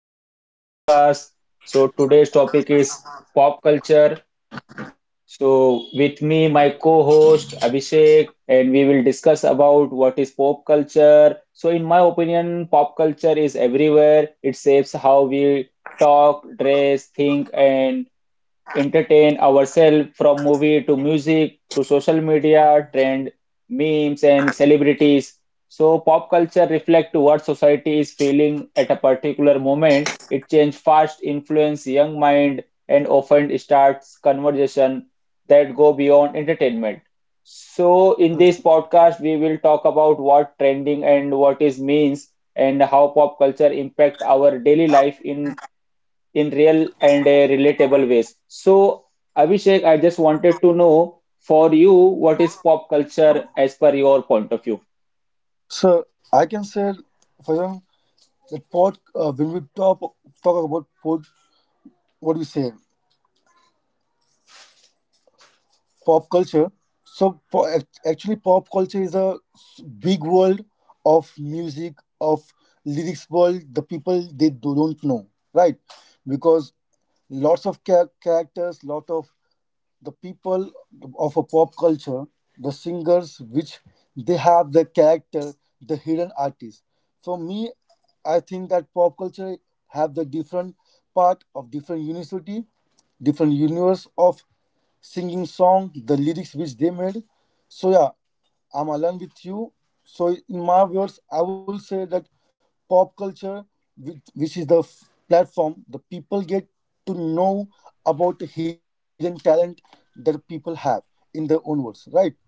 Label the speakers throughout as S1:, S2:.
S1: welcome to my podcast. So, today's topic is pop culture. So, with me, my co-host Abhishek, and we will discuss about what is pop culture. So, in my opinion, pop culture is everywhere. It shapes how we talk, dress, think, and entertain ourselves from movie to music to social media, trend, memes, and celebrities. So, pop culture reflects what society is feeling at a particular moment. It changes fast, influence young mind, and often starts conversation that go beyond entertainment. So, in this podcast, we will talk about what trending and what is means and how pop culture impact our daily life in real and relatable ways. So, Abhishek, I just wanted to know for you what is pop culture as per your point of view.
S2: So I can say, for example, that pod, when we talk about pod, what do we say, pop culture. So actually, pop culture is a big world of music, of lyrics world. The people they don't know, right? Because lots of characters, lot of the people of a pop culture, the singers, which they have the character, the hidden artist. For me, I think that pop culture have the different part of different university, different universe of singing song, the lyrics which they made. So yeah, I'm aligned with you. So, in my words, I will say that pop culture, which is the platform, the people get to know about the hidden talent that people have in their own words, right?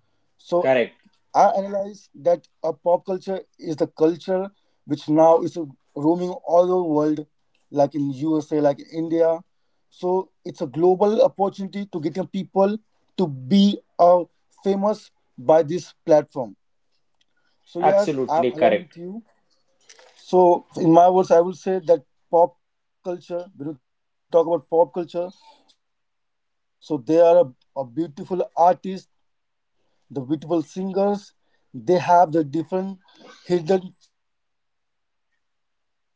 S2: So
S1: Correct.
S2: I analyze that a pop culture is the culture which now is roaming all over the world, like in USA, like in India. So it's a global opportunity to getting people to be famous by this platform. So yes, I'm
S1: Absolutely
S2: aligned
S1: correct.
S2: with you. So, in my words, I will say that pop culture, when we talk about pop culture, so they are a beautiful artist, the beautiful singers, they have the different hidden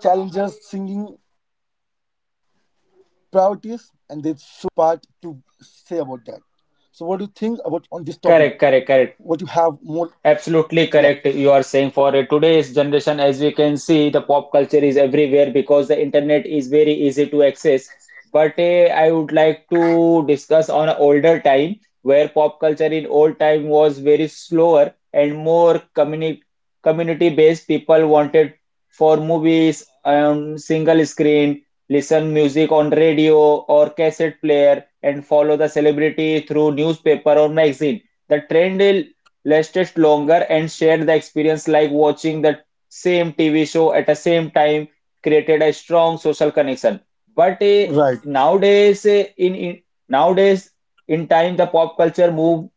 S2: challenges, singing priorities, and they shows on the platform when we then when we, they get a part to
S1: Correct, correct,
S2: say about
S1: correct.
S2: that. So, what do you think
S1: Absolutely
S2: about on
S1: correct.
S2: this
S1: You are
S2: topic?
S1: saying for today's
S2: What you
S1: generation, as we
S2: have
S1: can
S2: more?
S1: see, the pop culture is everywhere
S2: Yeah,
S1: because the internet is very easy to access. But I would like to discuss on an older time where pop culture in old time was very slower and more community based. People wanted for movies on single screen, listen music on radio or cassette player, and follow the celebrity through newspaper or magazine. The trend lasted longer and shared the experience like watching the same TV show at the same time created a strong social connection. But
S2: right,
S1: nowadays, eh, in nowadays in time, the pop culture moves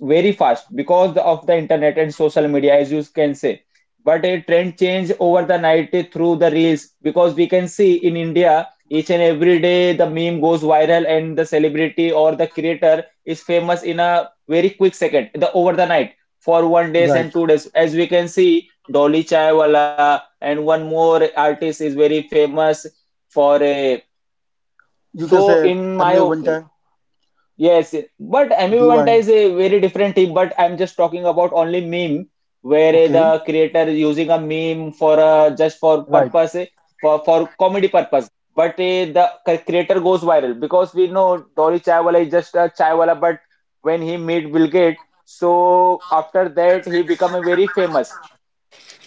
S1: very fast because of the internet and social media, as you can say. But a trend change over the night, through the reels because we can see in India each and every day the meme goes viral and the celebrity or the creator is famous in a very quick second the over the night for one days
S2: right.
S1: and 2 days. As we can see, Dolly Chaiwala and one more artist is very famous for a.
S2: You can
S1: So
S2: say
S1: in my
S2: Amy Vanta,
S1: Yes, but Ambivalent
S2: Divine.
S1: is a very different thing. But I'm just talking about only meme, where
S2: Okay.
S1: the creator is using a meme for just for
S2: Right,
S1: purpose, for comedy purpose. But the creator goes viral because we know Dolly Chaiwala is just a Chaiwala. But when he meet Bill Gates, so after that he become a very famous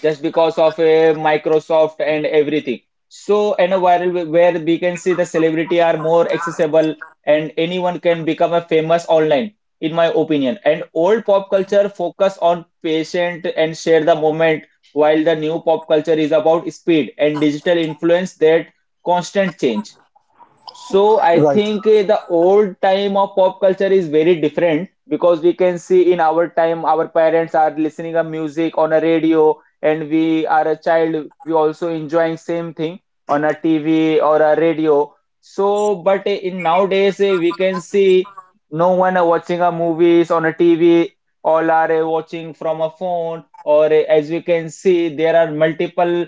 S1: just because of Microsoft and everything. So, and a viral where we can see the celebrity are more accessible and anyone can become a famous online, in my opinion. And old pop culture focus on patient and share the moment, while the new pop culture is about speed and digital influence that constant change. So I
S2: right.
S1: think, the old time of pop culture is very different because we can see in our time our parents are listening a music on a radio and we are a child we also enjoying same thing on a TV or a radio. So but in nowadays we can see no one are watching a movies on a TV, all are watching from a phone or, as we can see, there are multiple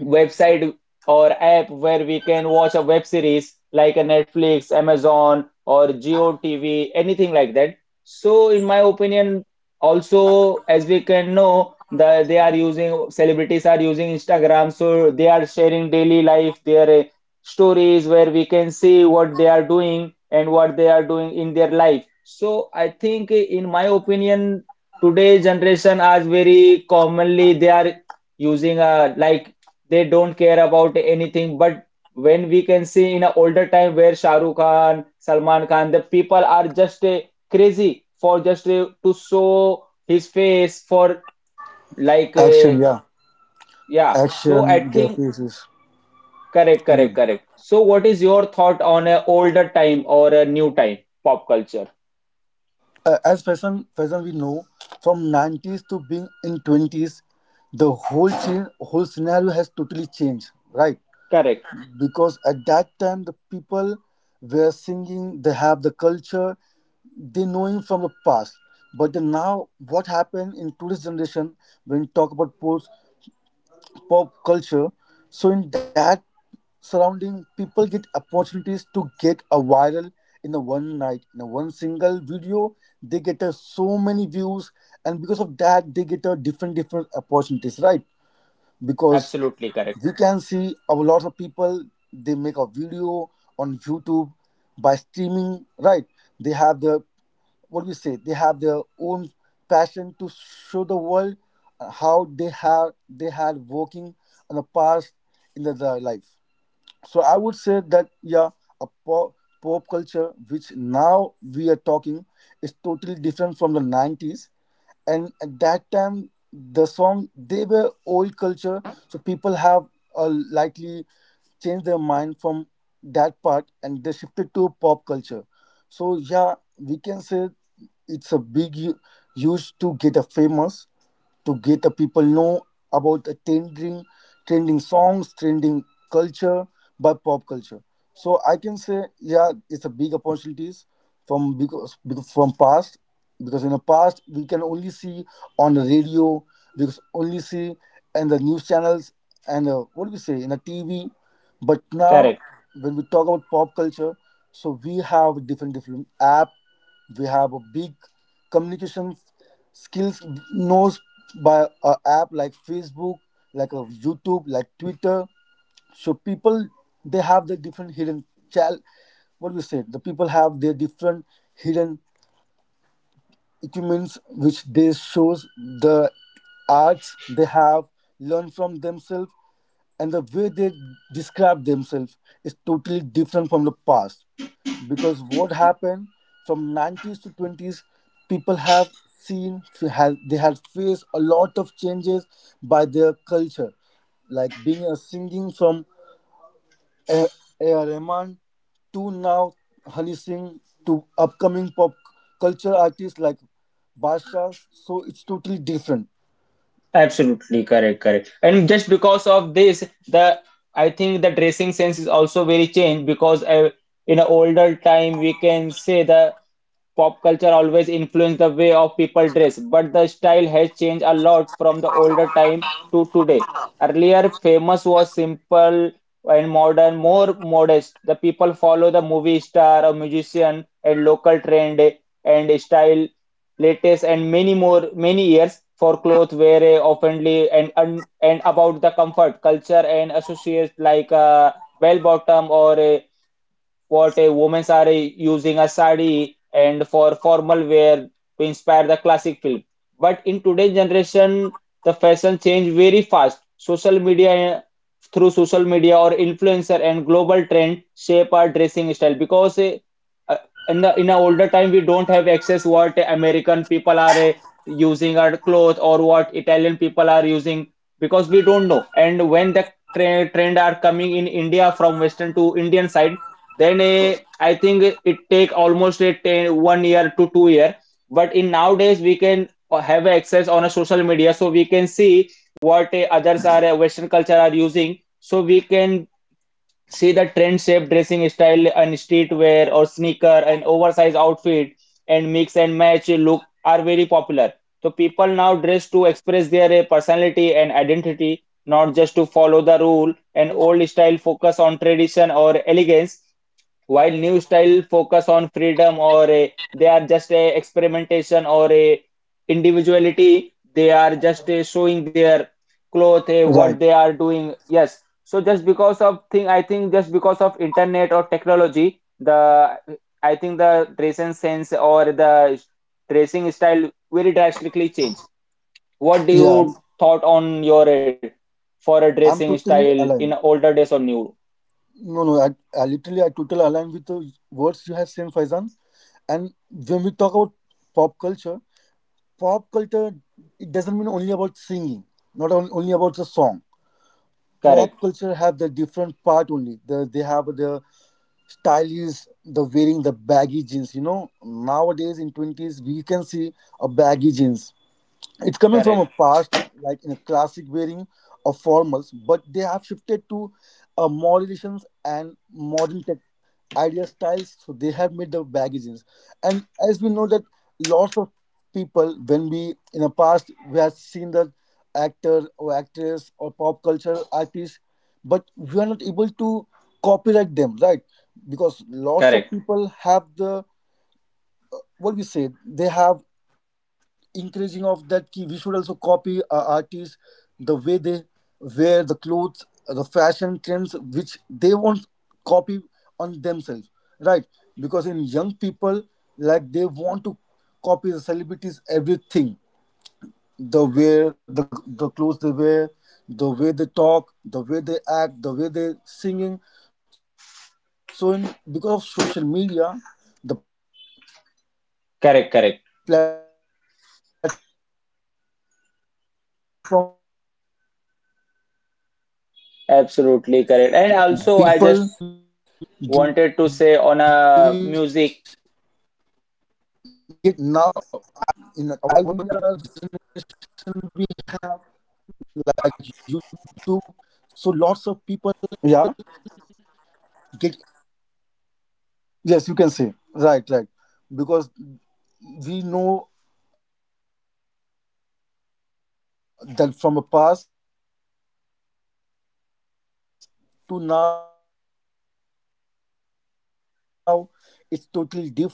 S1: website or app where we can watch a web series like a Netflix, Amazon, or GeoTV, anything like that. So, in my opinion, also as we can know that they are using celebrities are using Instagram, so they are sharing daily life, their stories where we can see what they are doing and what they are doing in their life. So, I think, in my opinion, today's generation are very commonly they are using, like they don't care about anything. But when we can see in an older time where Shah Rukh Khan, Salman Khan, the people are just crazy for just, to show his face for like,
S2: Action, yeah.
S1: yeah. So I
S2: Action, their
S1: think
S2: faces.
S1: correct, correct, correct. So what is your thought on a older time or a new time pop culture?
S2: As person, we know, from 90s to being in 20s, the whole scenario has totally changed, right?
S1: Correct,
S2: Because at that time, the people were singing, they have the culture, they know him from the past. But then now, what happened in today's generation, when you talk about sports, pop culture. So in that surrounding, people get opportunities to get a viral in a one night, in a one single video. They get so many views, and because of that, they get a different opportunities, right? Because
S1: absolutely correct,
S2: we can see a lot of people, they make a video on YouTube by streaming, right? They have their, what do we say, they have their own passion to show the world how they had working in the past in their life. So I would say that yeah, a pop culture which now we are talking is totally different from the 90s, and at that time the song they were old culture, so people have likely changed their mind from that part and they shifted to pop culture. So yeah, we can say it's a big huge to get a famous, to get the people know about the trending songs, trending culture by pop culture. So I can say yeah, it's a big opportunities from, because from past because in the past we can only see on the radio, because only see and the news channels, and what do we say, in the TV. But now
S1: correct.
S2: when we talk about pop culture, so we have different app, we have a big communication skills knows by a app like Facebook, like a YouTube, like Twitter. So people, they have the different hidden chal what we say, the people have their different hidden achievements which they shows, the arts they have learned from themselves, and the way they describe themselves is totally different from the past. Because what happened from 90s to 20s, people have seen they had faced a lot of changes by their culture, like being a singing from A. A. Rahman to now Honey to upcoming pop culture artists like Basha. So it's totally different.
S1: Absolutely correct, correct. And just because of this, the I think the dressing sense is also very changed because, in an older time we can say the pop culture always influenced the way of people dress, but the style has changed a lot from the older time to today. Earlier, famous was simple and modern, more modest. The people follow the movie star, a musician, and local trend and style, latest, and many more, many years for clothes wear oftenly and about the comfort, culture, and associates like a bell bottom or a what a women's are using a sari and for formal wear to inspire the classic film. But in today's generation, the fashion change very fast. Social media through social media or influencer and global trend shape our dressing style because uh, in the older time we don't have access what American people are using our clothes or what Italian people are using because we don't know. And when the trend are coming in India from Western to Indian side then, I think it take almost a 10, one year to 2 year. But in nowadays, we can have access on a social media, so we can see what others are, Western culture are using. So we can see the trend shape dressing style and streetwear or sneaker and oversized outfit and mix and match look are very popular. So people now dress to express their personality and identity, not just to follow the rule. And old style focus on tradition or elegance while new style focus on freedom or a, they are just a experimentation or a individuality, they are just a showing their cloth, a,
S2: Right.
S1: what they are doing. Yes. So just because of thing, I think just because of internet or technology, the I think the dressing sense or the dressing style will drastically change. What do
S2: Yeah. I'm,
S1: you thought on your, for a
S2: I'm
S1: dressing
S2: totally
S1: style in
S2: aligned.
S1: older days or new?
S2: No, no. I totally align with the words you have said, Faizan. And when we talk about pop culture, pop culture it doesn't mean only about singing, not on, only about the song. Pop
S1: Correct.
S2: culture have the different part only. They have the style, is the wearing the baggy jeans, nowadays in 20s we can see a baggy jeans, it's coming from
S1: Correct.
S2: a past like in a classic wearing of formals, but they have shifted to moderations and modern tech idea styles. So they have made the baggages, and as we know that lots of people, when we in the past, we have seen the actor or actress or pop culture artists, but we are not able to copyright them, right? Because lots of
S1: Correct,
S2: people have the, what we say, they have encouraging of that, key we should also copy artists, the way they wear the clothes, the fashion trends which they won't copy on themselves, right? Because in young people, like they want to copy the celebrities everything, the way the clothes they wear, the way they talk, the way they act, the way they singing. So in because of social media, the platform which now
S1: correct, correct, absolutely correct. And also, I just wanted to say on
S2: in
S1: a
S2: our
S1: music,
S2: generation we have, like YouTube, so lots of people get influenced by that part, people get ideas. Yeah, yes, you can say, right, right. Because we know that from a past to now, it's totally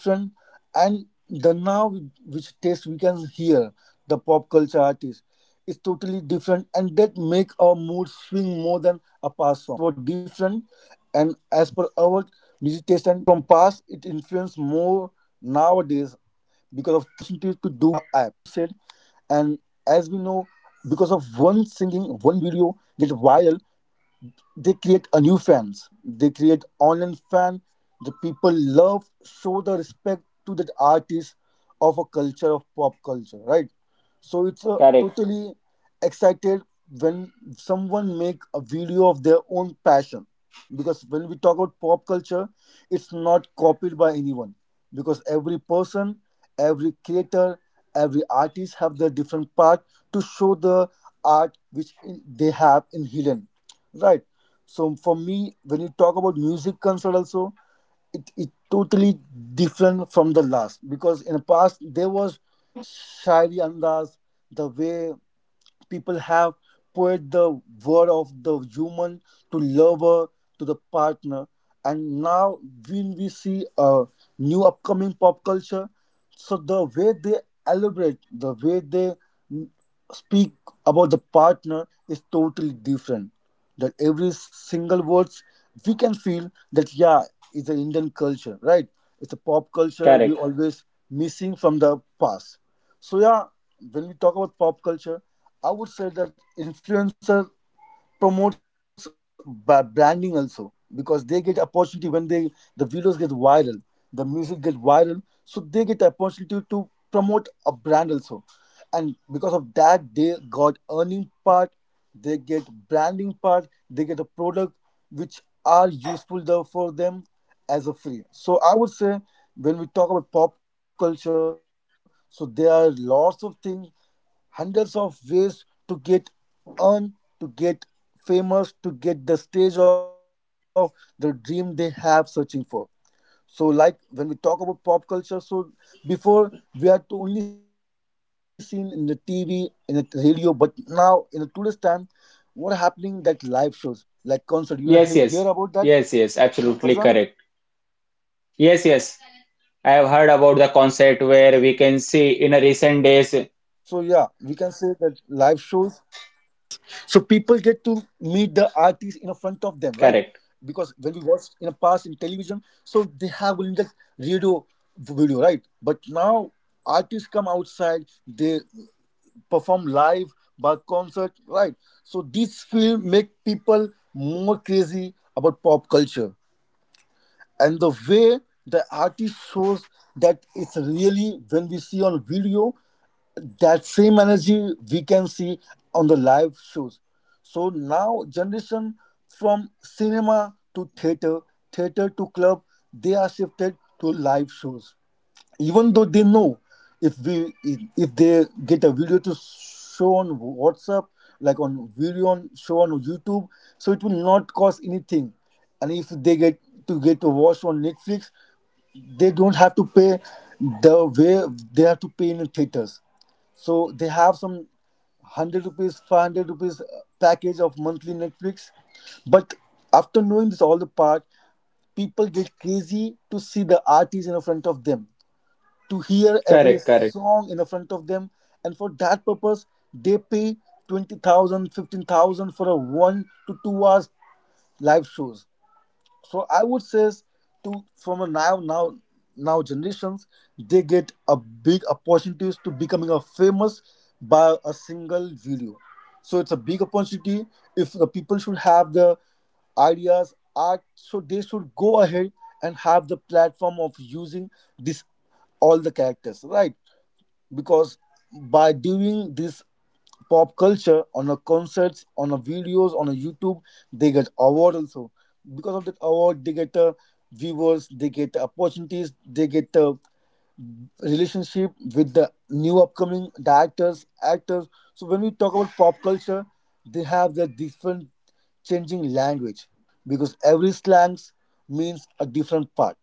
S2: different, and the now which taste we can hear the pop culture artist is totally different, and that make our mood swing more than a past song, right? Because our dad and mom music tastes were different, and as per our music taste and forms are different, right? So from past, get viral, they create a new fans, they create online fan, the people love, show the respect to that artist of a culture, of pop culture, right? So it's a
S1: correct,
S2: totally excited when someone make a video of their own passion, because when we talk about pop culture, it's not copied by anyone, because every person, every creator, every artist have their different part to show the art which they have in hidden, right? So for me, when you talk about music concert also, it totally different from the last, because in the past there was shairi andas, the way people have put the word of the human to lover, to the partner, and now when we see a new upcoming pop culture, so the way they elaborate, the way they speak about the partner, is totally different. That every single words we can feel that yeah, it's an Indian culture, right? It's a pop culture we
S1: correct.
S2: always missing from the past. So yeah, when we talk about pop culture, I would say that influencer promotes branding also, because they get opportunity when they the videos get viral, the music get viral, so they get opportunity to promote a brand also, and because of that they got earning part, they get branding part, they get a product which are useful for them as a free. So I would say when we talk about pop culture, so there are lots of things, hundreds of ways to get earn, to get famous, to get the stage of the dream they have searching for. So, like when we talk about pop culture, so before we are to only seen in the TV, in the radio, but now in the today's time, what happening that live shows, like concert, you hear about that,
S1: Yes, yes, yes,
S2: Fazan?
S1: yes, absolutely correct. Yes, yes. I have
S2: So
S1: heard
S2: yeah,
S1: about the
S2: we can
S1: concert
S2: say that
S1: where we
S2: live
S1: can see
S2: shows.
S1: in a recent days.
S2: Yes. So people get to meet the artist in a front
S1: Correct,
S2: of them, right? Because when we watched in a past in television, so they have only that radio video, right? But now they perform live by concert, right? So this film make people more crazy about pop culture. And the way the artist shows that, it's really when we see on video, that same energy we can see on the live shows. So now generation, from cinema to theater, theater to club, they are shifted to live shows, even though they know, if we if they get a video to show on WhatsApp, like on video on show on YouTube, so it will not cost anything, and if they get to watch on Netflix, they don't have to pay the way they have to pay in the theaters. So they have some 100 rupees, 500 rupees package of monthly Netflix. But after knowing this all the part, people get crazy to see the artist in the front of them, to hear every
S1: correct, correct,
S2: song in the front of them, and for that purpose, they pay 20,000, 15,000 for a 1 to 2 hours live shows. So I would say to from a now generations, they get a big opportunities to becoming a famous by a single video. So it's a big opportunity. If the people should have the ideas art, so they should go ahead and have the platform of using this all the characters, right? Because by doing this pop culture on a concerts, on a videos, on a YouTube, they get award also. Because of that award, they get viewers, they get opportunities, they get relationship with the new upcoming directors, actors. So when we talk about pop culture, they have their different changing language, because every slangs means a different part.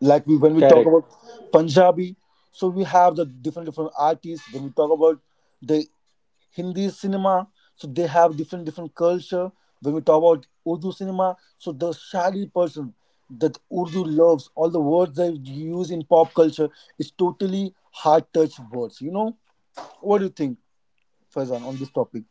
S2: Like we when we talk
S1: correct.
S2: about Punjabi, so we have the different different artists. When we talk about the Hindi cinema, so they have different different culture. When we talk about Urdu cinema, so the shadi person that Urdu loves, all the words they use in pop culture is totally hard touch words. What do you think, Fazan, on this topic?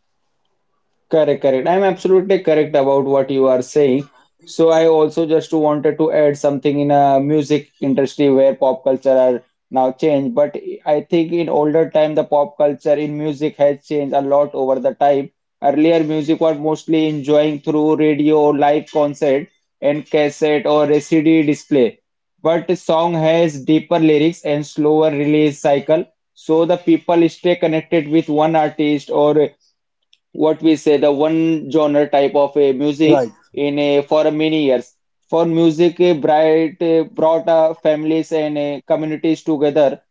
S1: Correct, correct. I'm absolutely correct about what you are saying. So I also just wanted to add something in a music industry where pop culture are now changed. But I think in older time the pop culture in music has changed a lot over the time. Earlier music was mostly enjoying through radio, live concert, and cassette or a CD display. But the song has deeper lyrics and slower release cycle, so the people stay connected with one artist or what we say the one genre type of a music
S2: Right,
S1: in a for many years. For music a brought families and communities together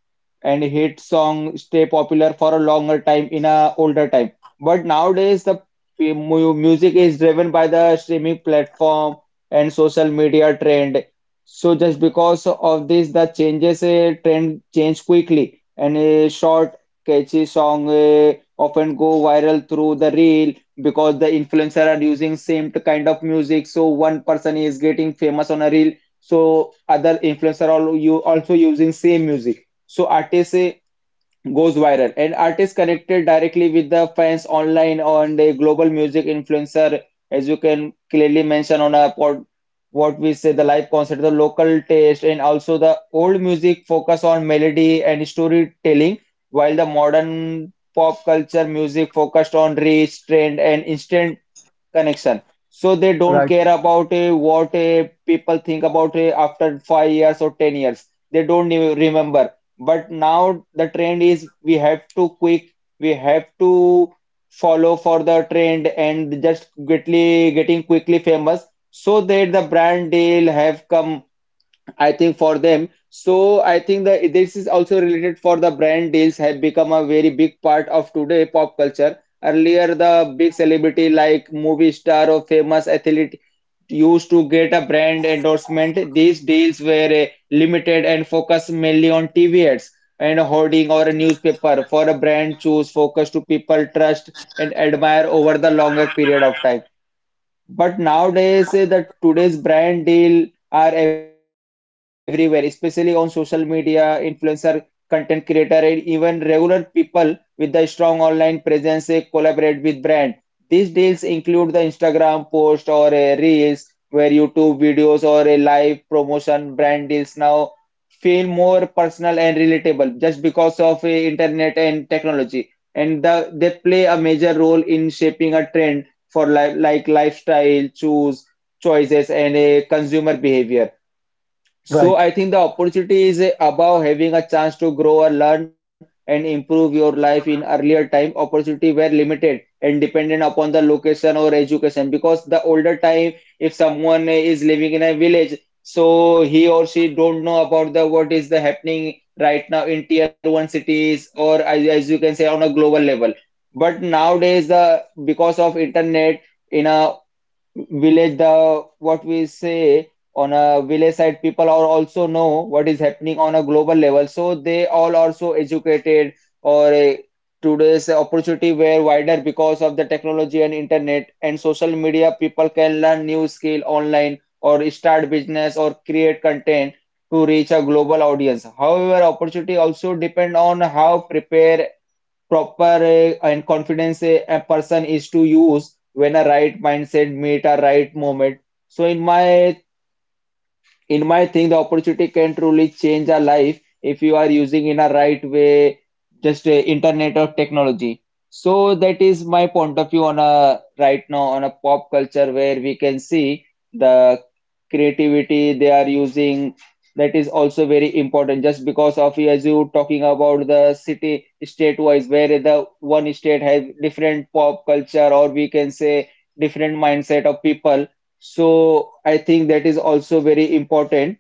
S1: and hit song stay popular for a longer time in a older time. But nowadays the music is driven by the streaming platform and social media trend, so just because of this the changes, trend change quickly and a short catchy song often go viral through the reel because the influencer are using same kind of music, so one person is getting famous on a reel so other influencer all you also using same music, so artist goes viral and artist connected directly with the fans online on the global music influencer, as you can clearly mention on a pod, what we say the live concert, the local taste, and also the old music focus on melody and storytelling, while the modern pop culture music focused on reach, trend, and instant connection. So they
S2: right,
S1: don't
S2: Faizan,
S1: care about, what, people think about, after 5 years or 10 years. They don't even remember. But now the trend is we have to quick, we have to follow for the trend and just quickly getting quickly famous so that the brand deal have come, I think, for them. So I think that this is also related for the brand deals have become a very big part of today pop culture. Earlier, the big celebrity like movie star or famous athlete used to get a brand endorsement. These deals were limited and focused mainly on TV ads and a hoarding or a newspaper for a brand choose focus to people trust and admire over the longer period of time. But nowadays, the today's brand deal are everywhere, especially on social media, influencer, content creator, and even regular people with the strong online presence collaborate with brand. These deals include the Instagram post or a reels, where YouTube videos or a live promotion. Brand deals now feel more personal and relatable just because of internet and technology, and they play a major role in shaping a trend for li like lifestyle, choose choices, and a consumer behavior.
S2: right.
S1: So I think the opportunity is about having a chance to grow or learn and improve your life in earlier time. Opportunity were limited and dependent upon the location or education because the older time, if someone is living in a village, so he or she don't know about the what is the happening right now in tier one cities or as you can say on a global level. But nowadays, the because of internet in a village the what we say on a village side people are also know what is happening on a global level, so they all are so educated or today's opportunity were wider because of the technology and internet and social media. People can learn new skill online or start business or create content to reach a global audience. However, opportunity also depend on how prepare proper and confidence a person is to use when a right mindset meet a right moment. So in my thing, the opportunity can truly change our life if you are using in a right way, just internet or technology. So that is my point of view on a right now on a pop culture, where we can see the creativity they are using. That is also very important just because of as you talking about the city state wise, where the one state has different pop culture, or we can say different mindset of people. So I think that is also very important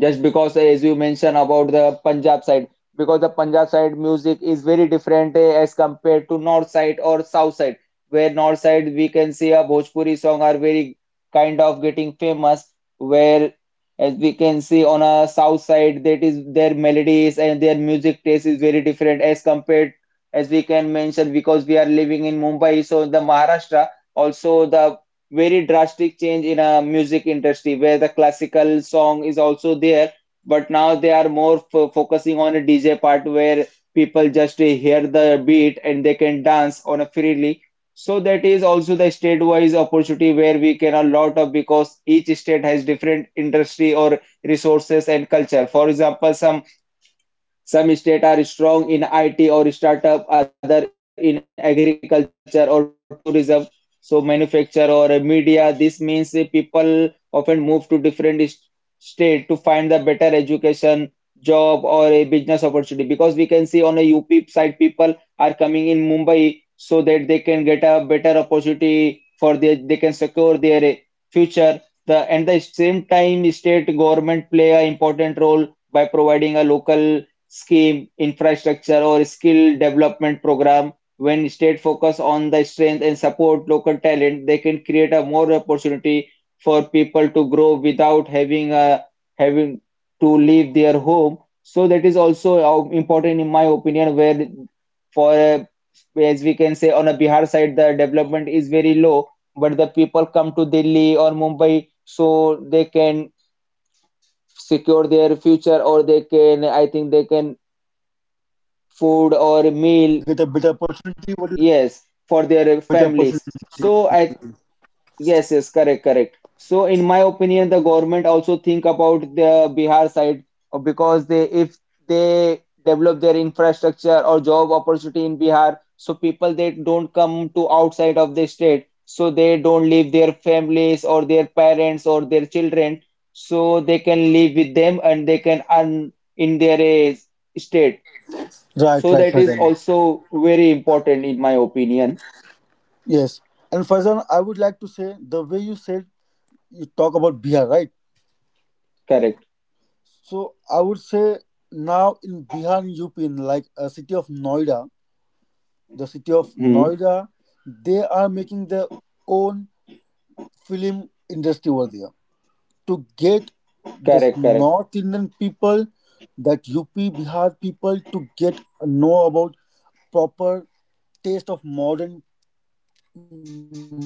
S1: just because as you mentioned about the Punjab side, because the Punjab side music is very different as compared to north side or south side, where north side we can see a Bhojpuri song are very kind of getting famous, where as we can see on a south side that is their melodies and their music taste is very different as compared as we can mention. Because we are living in Mumbai, so the Maharashtra also the very drastic change in a music industry, where the classical song is also there, but now they are more f focusing on a DJ part, where people just hear the beat and they can dance on a freely. So that is also the state-wise opportunity where we can a lot of, because each state has different industry or resources and culture. For example, some states are strong in IT or startup, other in agriculture or tourism, so manufacture or media. This means people often move to different state to find the better education, job or a business opportunity, because we can see on a UP side people are coming in Mumbai so that they can get a better opportunity for their, they can secure their future. The and the same time, state government play a important role by providing a local scheme, infrastructure, or skill development program. When state focus on the strength and support local talent, they can create a more opportunity for people to grow without having to leave their home. So that is also important in my opinion. Where for a, as we can say on a Bihar side, the development is very low, but the people come to Delhi or Mumbai so they can
S2: Get a better
S1: secure their
S2: opportunity.
S1: future, or they can, I think they can
S2: Get a better
S1: food
S2: opportunity.
S1: or
S2: What do you think?
S1: meal, yes, for their families. So I yes, yes. Correct, correct. So in my opinion, the government also think about the Bihar side, because they, if they develop their infrastructure or job opportunity in Bihar, so people they don't come to outside of the state, so they don't leave their families or their parents or their children, so they can live with them and they can earn in their state.
S2: Right,
S1: So
S2: right,
S1: that is
S2: Faizan.
S1: also very important in my opinion.
S2: Yes. And Faizan, I would like to say the way you said, you talk about Bihar, right?
S1: Correct.
S2: So I would say now in Bihar, in UP, in like a city of Noida, the city of
S1: Hmm.
S2: Noida, they are making their own film industry over there to get the
S1: Correct, correct.
S2: North Indian people, that UP Bihar people, to get know about proper taste of modern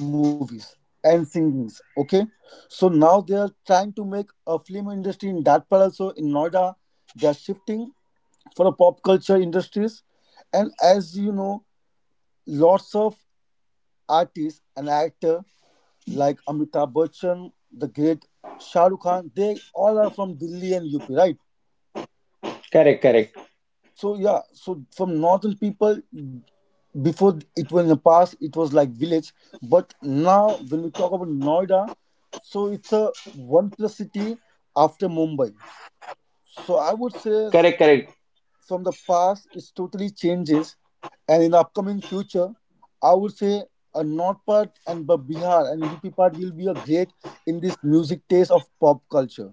S2: movies and singings. Okay, so now they are trying to make a film industry in that part also in Noida. They are shifting for the pop culture industries, you know, lots of artists and actor like Amitabh Bachchan, the great Shah Rukh Khan. They all are from Delhi and UP, right?
S1: Correct, correct.
S2: So yeah, so from northern people, before it was in the past, it was like village, but now when we talk about Noida, so it's a one plus city after Mumbai. So I would say
S1: Correct, correct.
S2: from the past, it's totally changes, and in the upcoming future, I would say a north part and Bihar and UP part will be a great in this music taste of pop culture.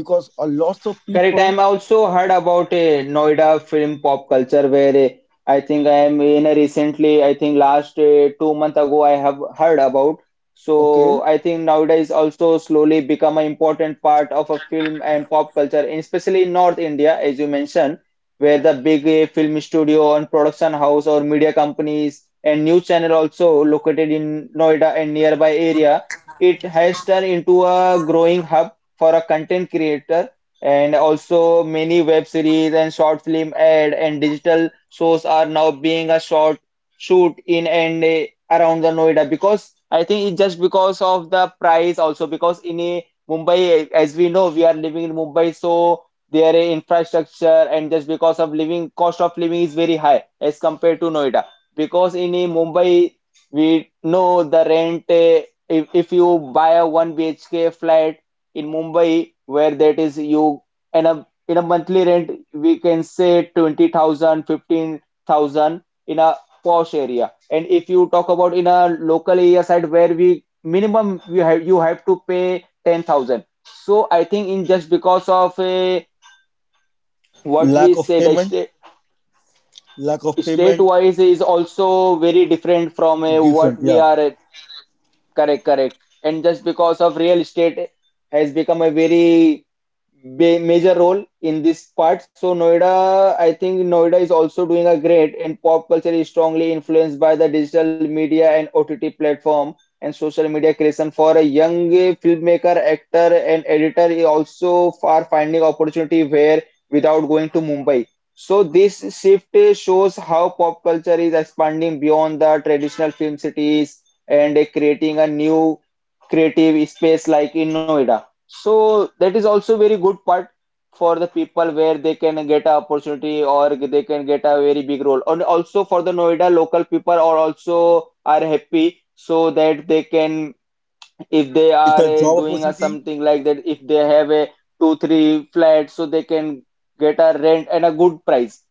S2: Because a lot of
S1: Correct.
S2: people,
S1: I'm also heard about a Noida film pop culture where I think I am in a recently, I think last 2 month ago I have heard about.
S2: okay,
S1: So I think nowadays also slowly become an important part of a film and pop culture, and especially in North India, as you mentioned, where the big film studio and production house or media companies and news channel also located in Noida and nearby area. It has turned into a growing hub for a content creator, and also many web series and short film ad and digital shows are now being a short shoot in and around the Noida, because I think it's just because of the price also, because in a Mumbai, as we know we are living in Mumbai, so their infrastructure and just because of living cost of living is very high as compared to Noida. Because in a Mumbai we know the rent, if you buy a 1 bhk flat in Mumbai, where that is you in a monthly rent we can say 20,000, 15,000 in a posh area. And if you talk about in a local area side, where we minimum you have to pay 10,000. So I think in just because of a
S2: lack
S1: what
S2: of
S1: we say
S2: payment,
S1: the state
S2: lack of payment
S1: state wise is also very different from a,
S2: different,
S1: what
S2: yeah,
S1: we are correct, correct. And just because of real estate has become a very major role in this part. So Noida, I think Noida is also doing a great, and pop culture is strongly influenced by the digital media and OTT platform and social media creation for a young filmmaker, actor, and editor is also far finding opportunity where without going to Mumbai. So this shift shows how pop culture is expanding beyond the traditional film cities and creating a new creative space like in Noida. So that is also very good part for the people, where they can get a opportunity or they can get a very big role. And also for the Noida local people are also are happy, so that they can, if they
S2: get a
S1: are
S2: job
S1: doing a
S2: opportunity
S1: something like that, if they have a two three flat, so they can get a rent and a good price.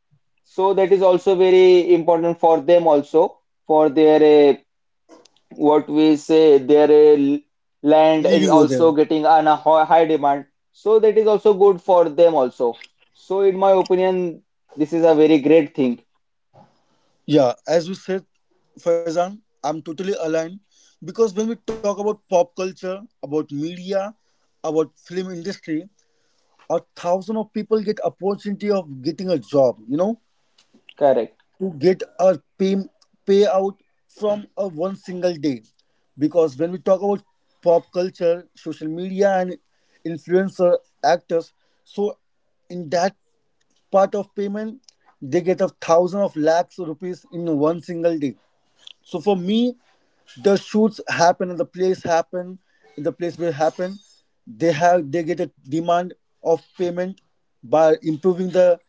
S1: So that is also very important for them also, for their what we say, their land
S2: living
S1: is
S2: over there,
S1: also getting on a high demand. So that is also good for them also. So in my opinion, this is a very great thing.
S2: yeah. As you said, Faizan, I'm totally aligned, because when we talk about pop culture, about media, about film industry, a thousand of people get opportunity of getting a job,
S1: Correct,
S2: to get a payout from a one single day. Because when we talk about pop culture, social media and influencer actors, so in that part of payment, they get a thousand of lakhs of rupees in one single day. So for me, the shoots happen and the place happen, in the place will happen, they get a demand of payment by improving the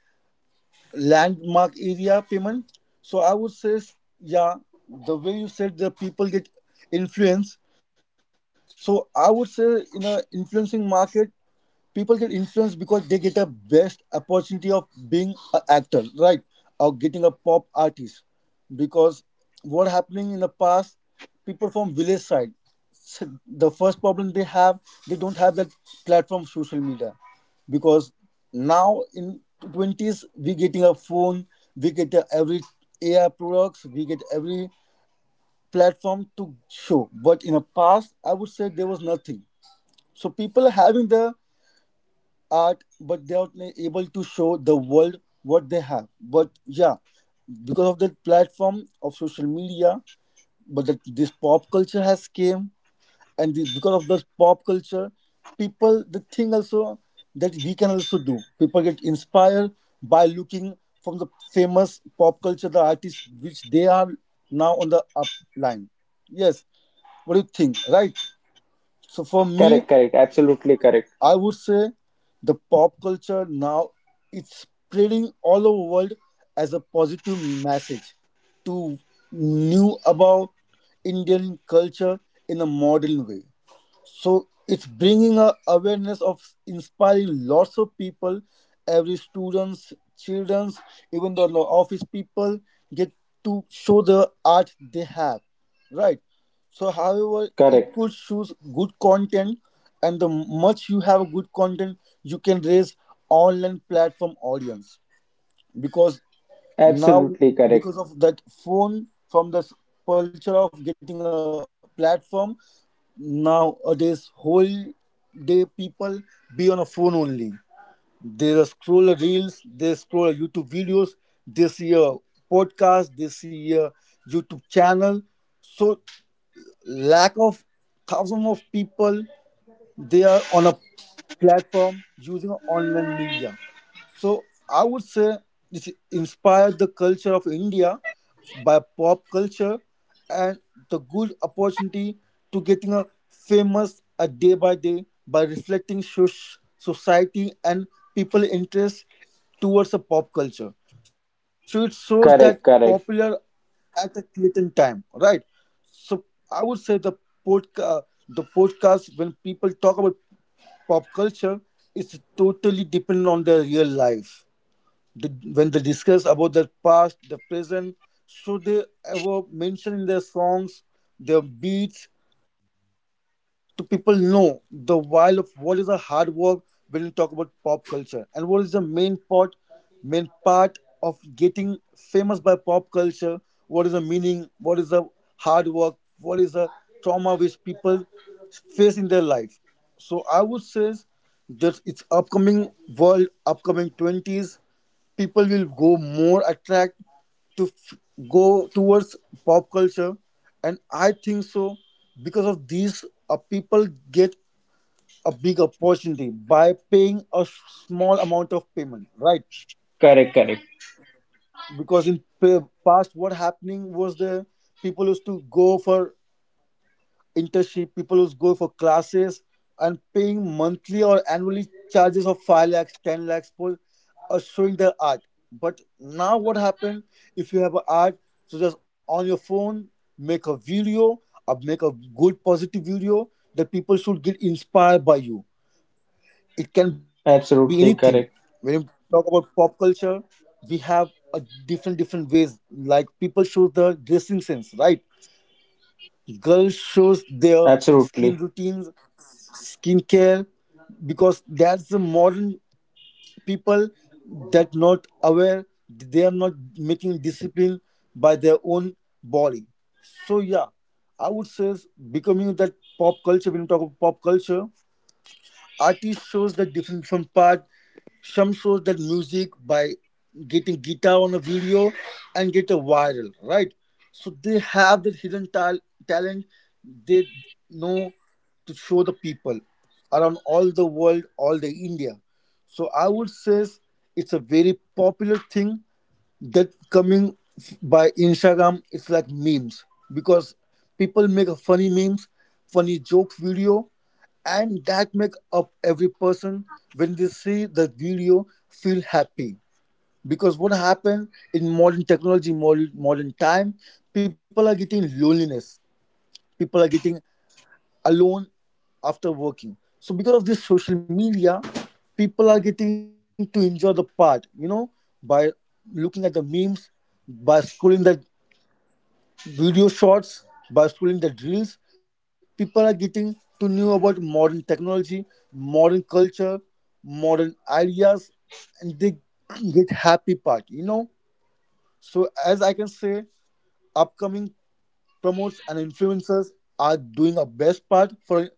S2: landmark area payment. So I would say, yeah, the way you said, the people get influence. So I would say in a influencing market, people get influenced, because they get a best opportunity of being an actor, right, or getting a pop artist. Because what happening in the past, people from village side, the first problem they have, they don't have that platform social media. Because now in 20s, we getting a phone, we get a every AI products, we get every platform to show. But in the past, I would say there was nothing, so people having the art, but they are not able to show the world what they have. But yeah, because of the platform of social media, but that this pop culture has came, and because of this pop culture, people the thing also that we can also do. People get inspired by looking from the famous pop culture, the artists which they are now on the up line. Yes, what do you think? Right. So for me,
S1: correct, correct, absolutely. Correct,
S2: I would say the pop culture now it's spreading all over world as a positive message to new about Indian culture in a modern way. So it's bringing a awareness of inspiring lots of people, every students, childrens, even the office people, get to show the art they have, right? So however, it
S1: correct,
S2: could choose good content, and the much you have good content, you can raise online platform audience. Because now
S1: absolutely. Correct,
S2: because of that phone, from this culture of getting a platform, nowadays whole day people be on a phone only. They just scroll reels, they scroll YouTube videos, they see a podcast, they see a YouTube channel. So lack of thousands of people, they are on a platform using online media. So I would say this inspired the culture of India by pop culture, and the good opportunity to getting a famous a day by day by reflecting society and people interest towards a pop culture. So it shows that
S1: correct,
S2: popular
S1: correct,
S2: at a certain time, right? So I would say the podcast, when people talk about pop culture, is totally dependent on the real life. When they discuss about the past, the present, so they ever mention in their songs, their beats, to people know the while of what is a hard work. When you talk about pop culture, and what is the main part, main part of getting famous by pop culture. What is the meaning? What is the hard work, which people face in their life? So I would say that it's upcoming world, upcoming 20s people will go more attract to go towards pop culture. And I think so, because of these people get a big opportunity by paying a small amount of payment, right?
S1: correct, correct,
S2: Because in past, what happening was, the people used to go for internship, people who go for classes and paying monthly or annually charges of 5 lakhs, 10 lakhs for showing their art. But now, what happened if you have an art? So, just on your phone, make a video, or make a good positive video that people should get inspired by you. It can be anything.
S1: absolutely.
S2: When you
S1: Correct,
S2: talk about pop culture, we have a different different ways. Like people show their dressing sense, right? Girls shows their skin
S1: absolutely,
S2: routines, skincare, because that's the modern people that not aware, they are not making discipline by their own body. So yeah, I would say becoming that pop culture, when you talk about pop culture, artist shows the difference from part. Some shows that music by getting guitar on a video and get a viral, right? So they have that hidden talent. They know to show the people around all the world, all the India. So I would say it's a very popular thing that coming by Instagram. It's like because people make a funny memes, funny joke video, and that make up every person when they see the video feel happy. Because what happened in modern technology, modern time, people are getting loneliness. People are getting alone after working. So because of this social media, people are getting to enjoy the part, you know, by looking at the memes, by scrolling the video shorts, by scrolling the reels, people are getting to know about modern technology, modern culture, modern ideas, and they get happy part. So as I can say, upcoming promotes influencers are doing a best part for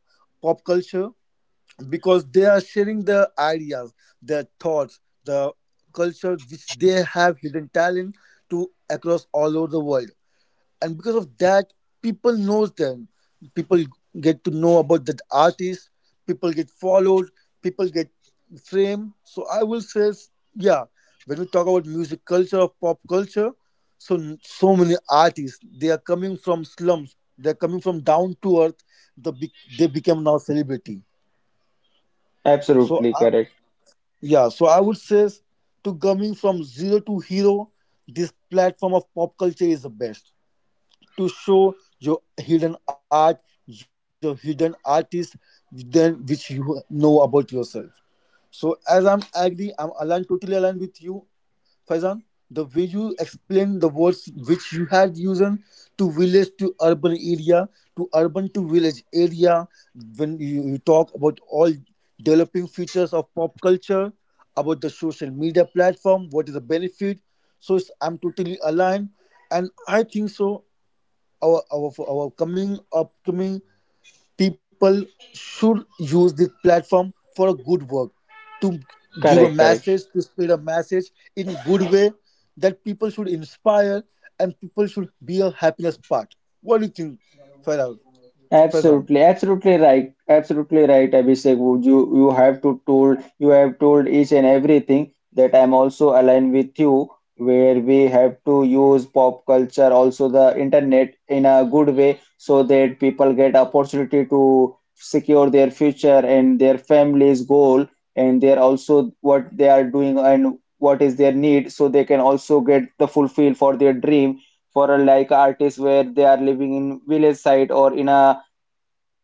S2: pop culture, because they are sharing their ideas, their thoughts, the culture which they have hidden talent to across all over the world. And because of that, people knows them. People get to know about that artist. People get followed. People get fame. So I will say, yeah, when we talk about music culture of pop culture, so many artists they are coming from slums. They are coming down to earth. The be- they became now celebrity. So
S1: absolutely.
S2: I,
S1: Correct,
S2: yeah, so I would say to coming from zero to hero, this platform of pop culture is the best to show your hidden art, your hidden artist, then which you know about yourself. So as I'm agree, I'm aligned, totally aligned with you, Faizan, the way you explain the words which you had used to village to urban area, to urban to village area. When you talk about all developing features of pop culture, about the social media platform, what is the benefit, so I'm totally aligned. And I think so our coming upcoming people should use this platform for a good work, to give a
S1: correct, correct.
S2: message, to spread a message in good way, that people should inspire and people should be a happiness part. What do you think, Faraz, Faizan?
S1: Absolutely, absolutely right, Abhishek. Would You have told each and everything that I'm also aligned with you, where we have to use pop culture, also the internet in a good way, so that people get opportunity to secure their future and their family's goal, and their also what they are doing and what is their need, so they can also get the fulfill for their dream. For a like artists where they are living in village side or in a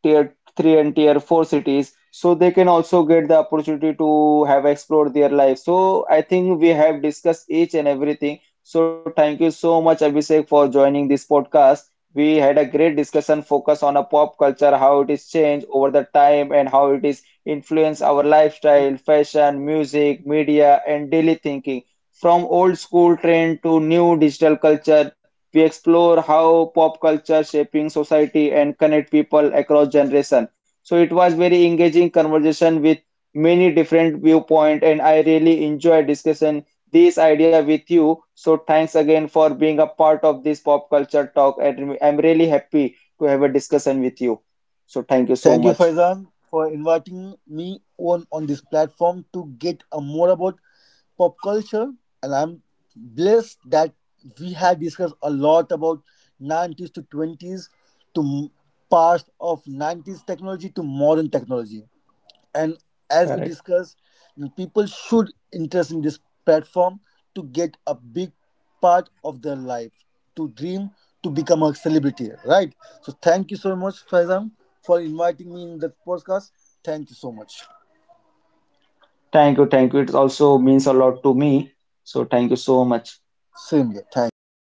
S1: tier 3 and tier 4 cities, so they can also get the opportunity to have explored their life. So I think we have discussed each and everything. So thank you so much, Abhishek, for joining this podcast. We had a great discussion focus on a pop culture, how it is changed over the time and how it is influence our lifestyle, fashion, music, media and daily thinking. From old school trend to new digital culture, we explore how pop culture shaping society and connect people across generation. So it was very engaging conversation with many different viewpoint, and I really enjoy discussing this idea with you. So thanks again for being a part of this pop culture talk, and I'm really happy to have a discussion with you. So thank you so
S2: Thank you,
S1: much.
S2: Faizan, for inviting me on this platform to get a more about pop culture. And I'm blessed that we had discussed a lot about 90s to 20s to past of 90s technology to modern technology. And as we
S1: Correct.
S2: discussed, people should interest in this platform to get a big part of their life to dream to become a celebrity, right? So thank you so much, Faizan, for inviting me in the podcast. Thank you so much.
S1: Thank you, thank you. It also means a lot to me. So thank you so much.
S2: Same here. Thank you.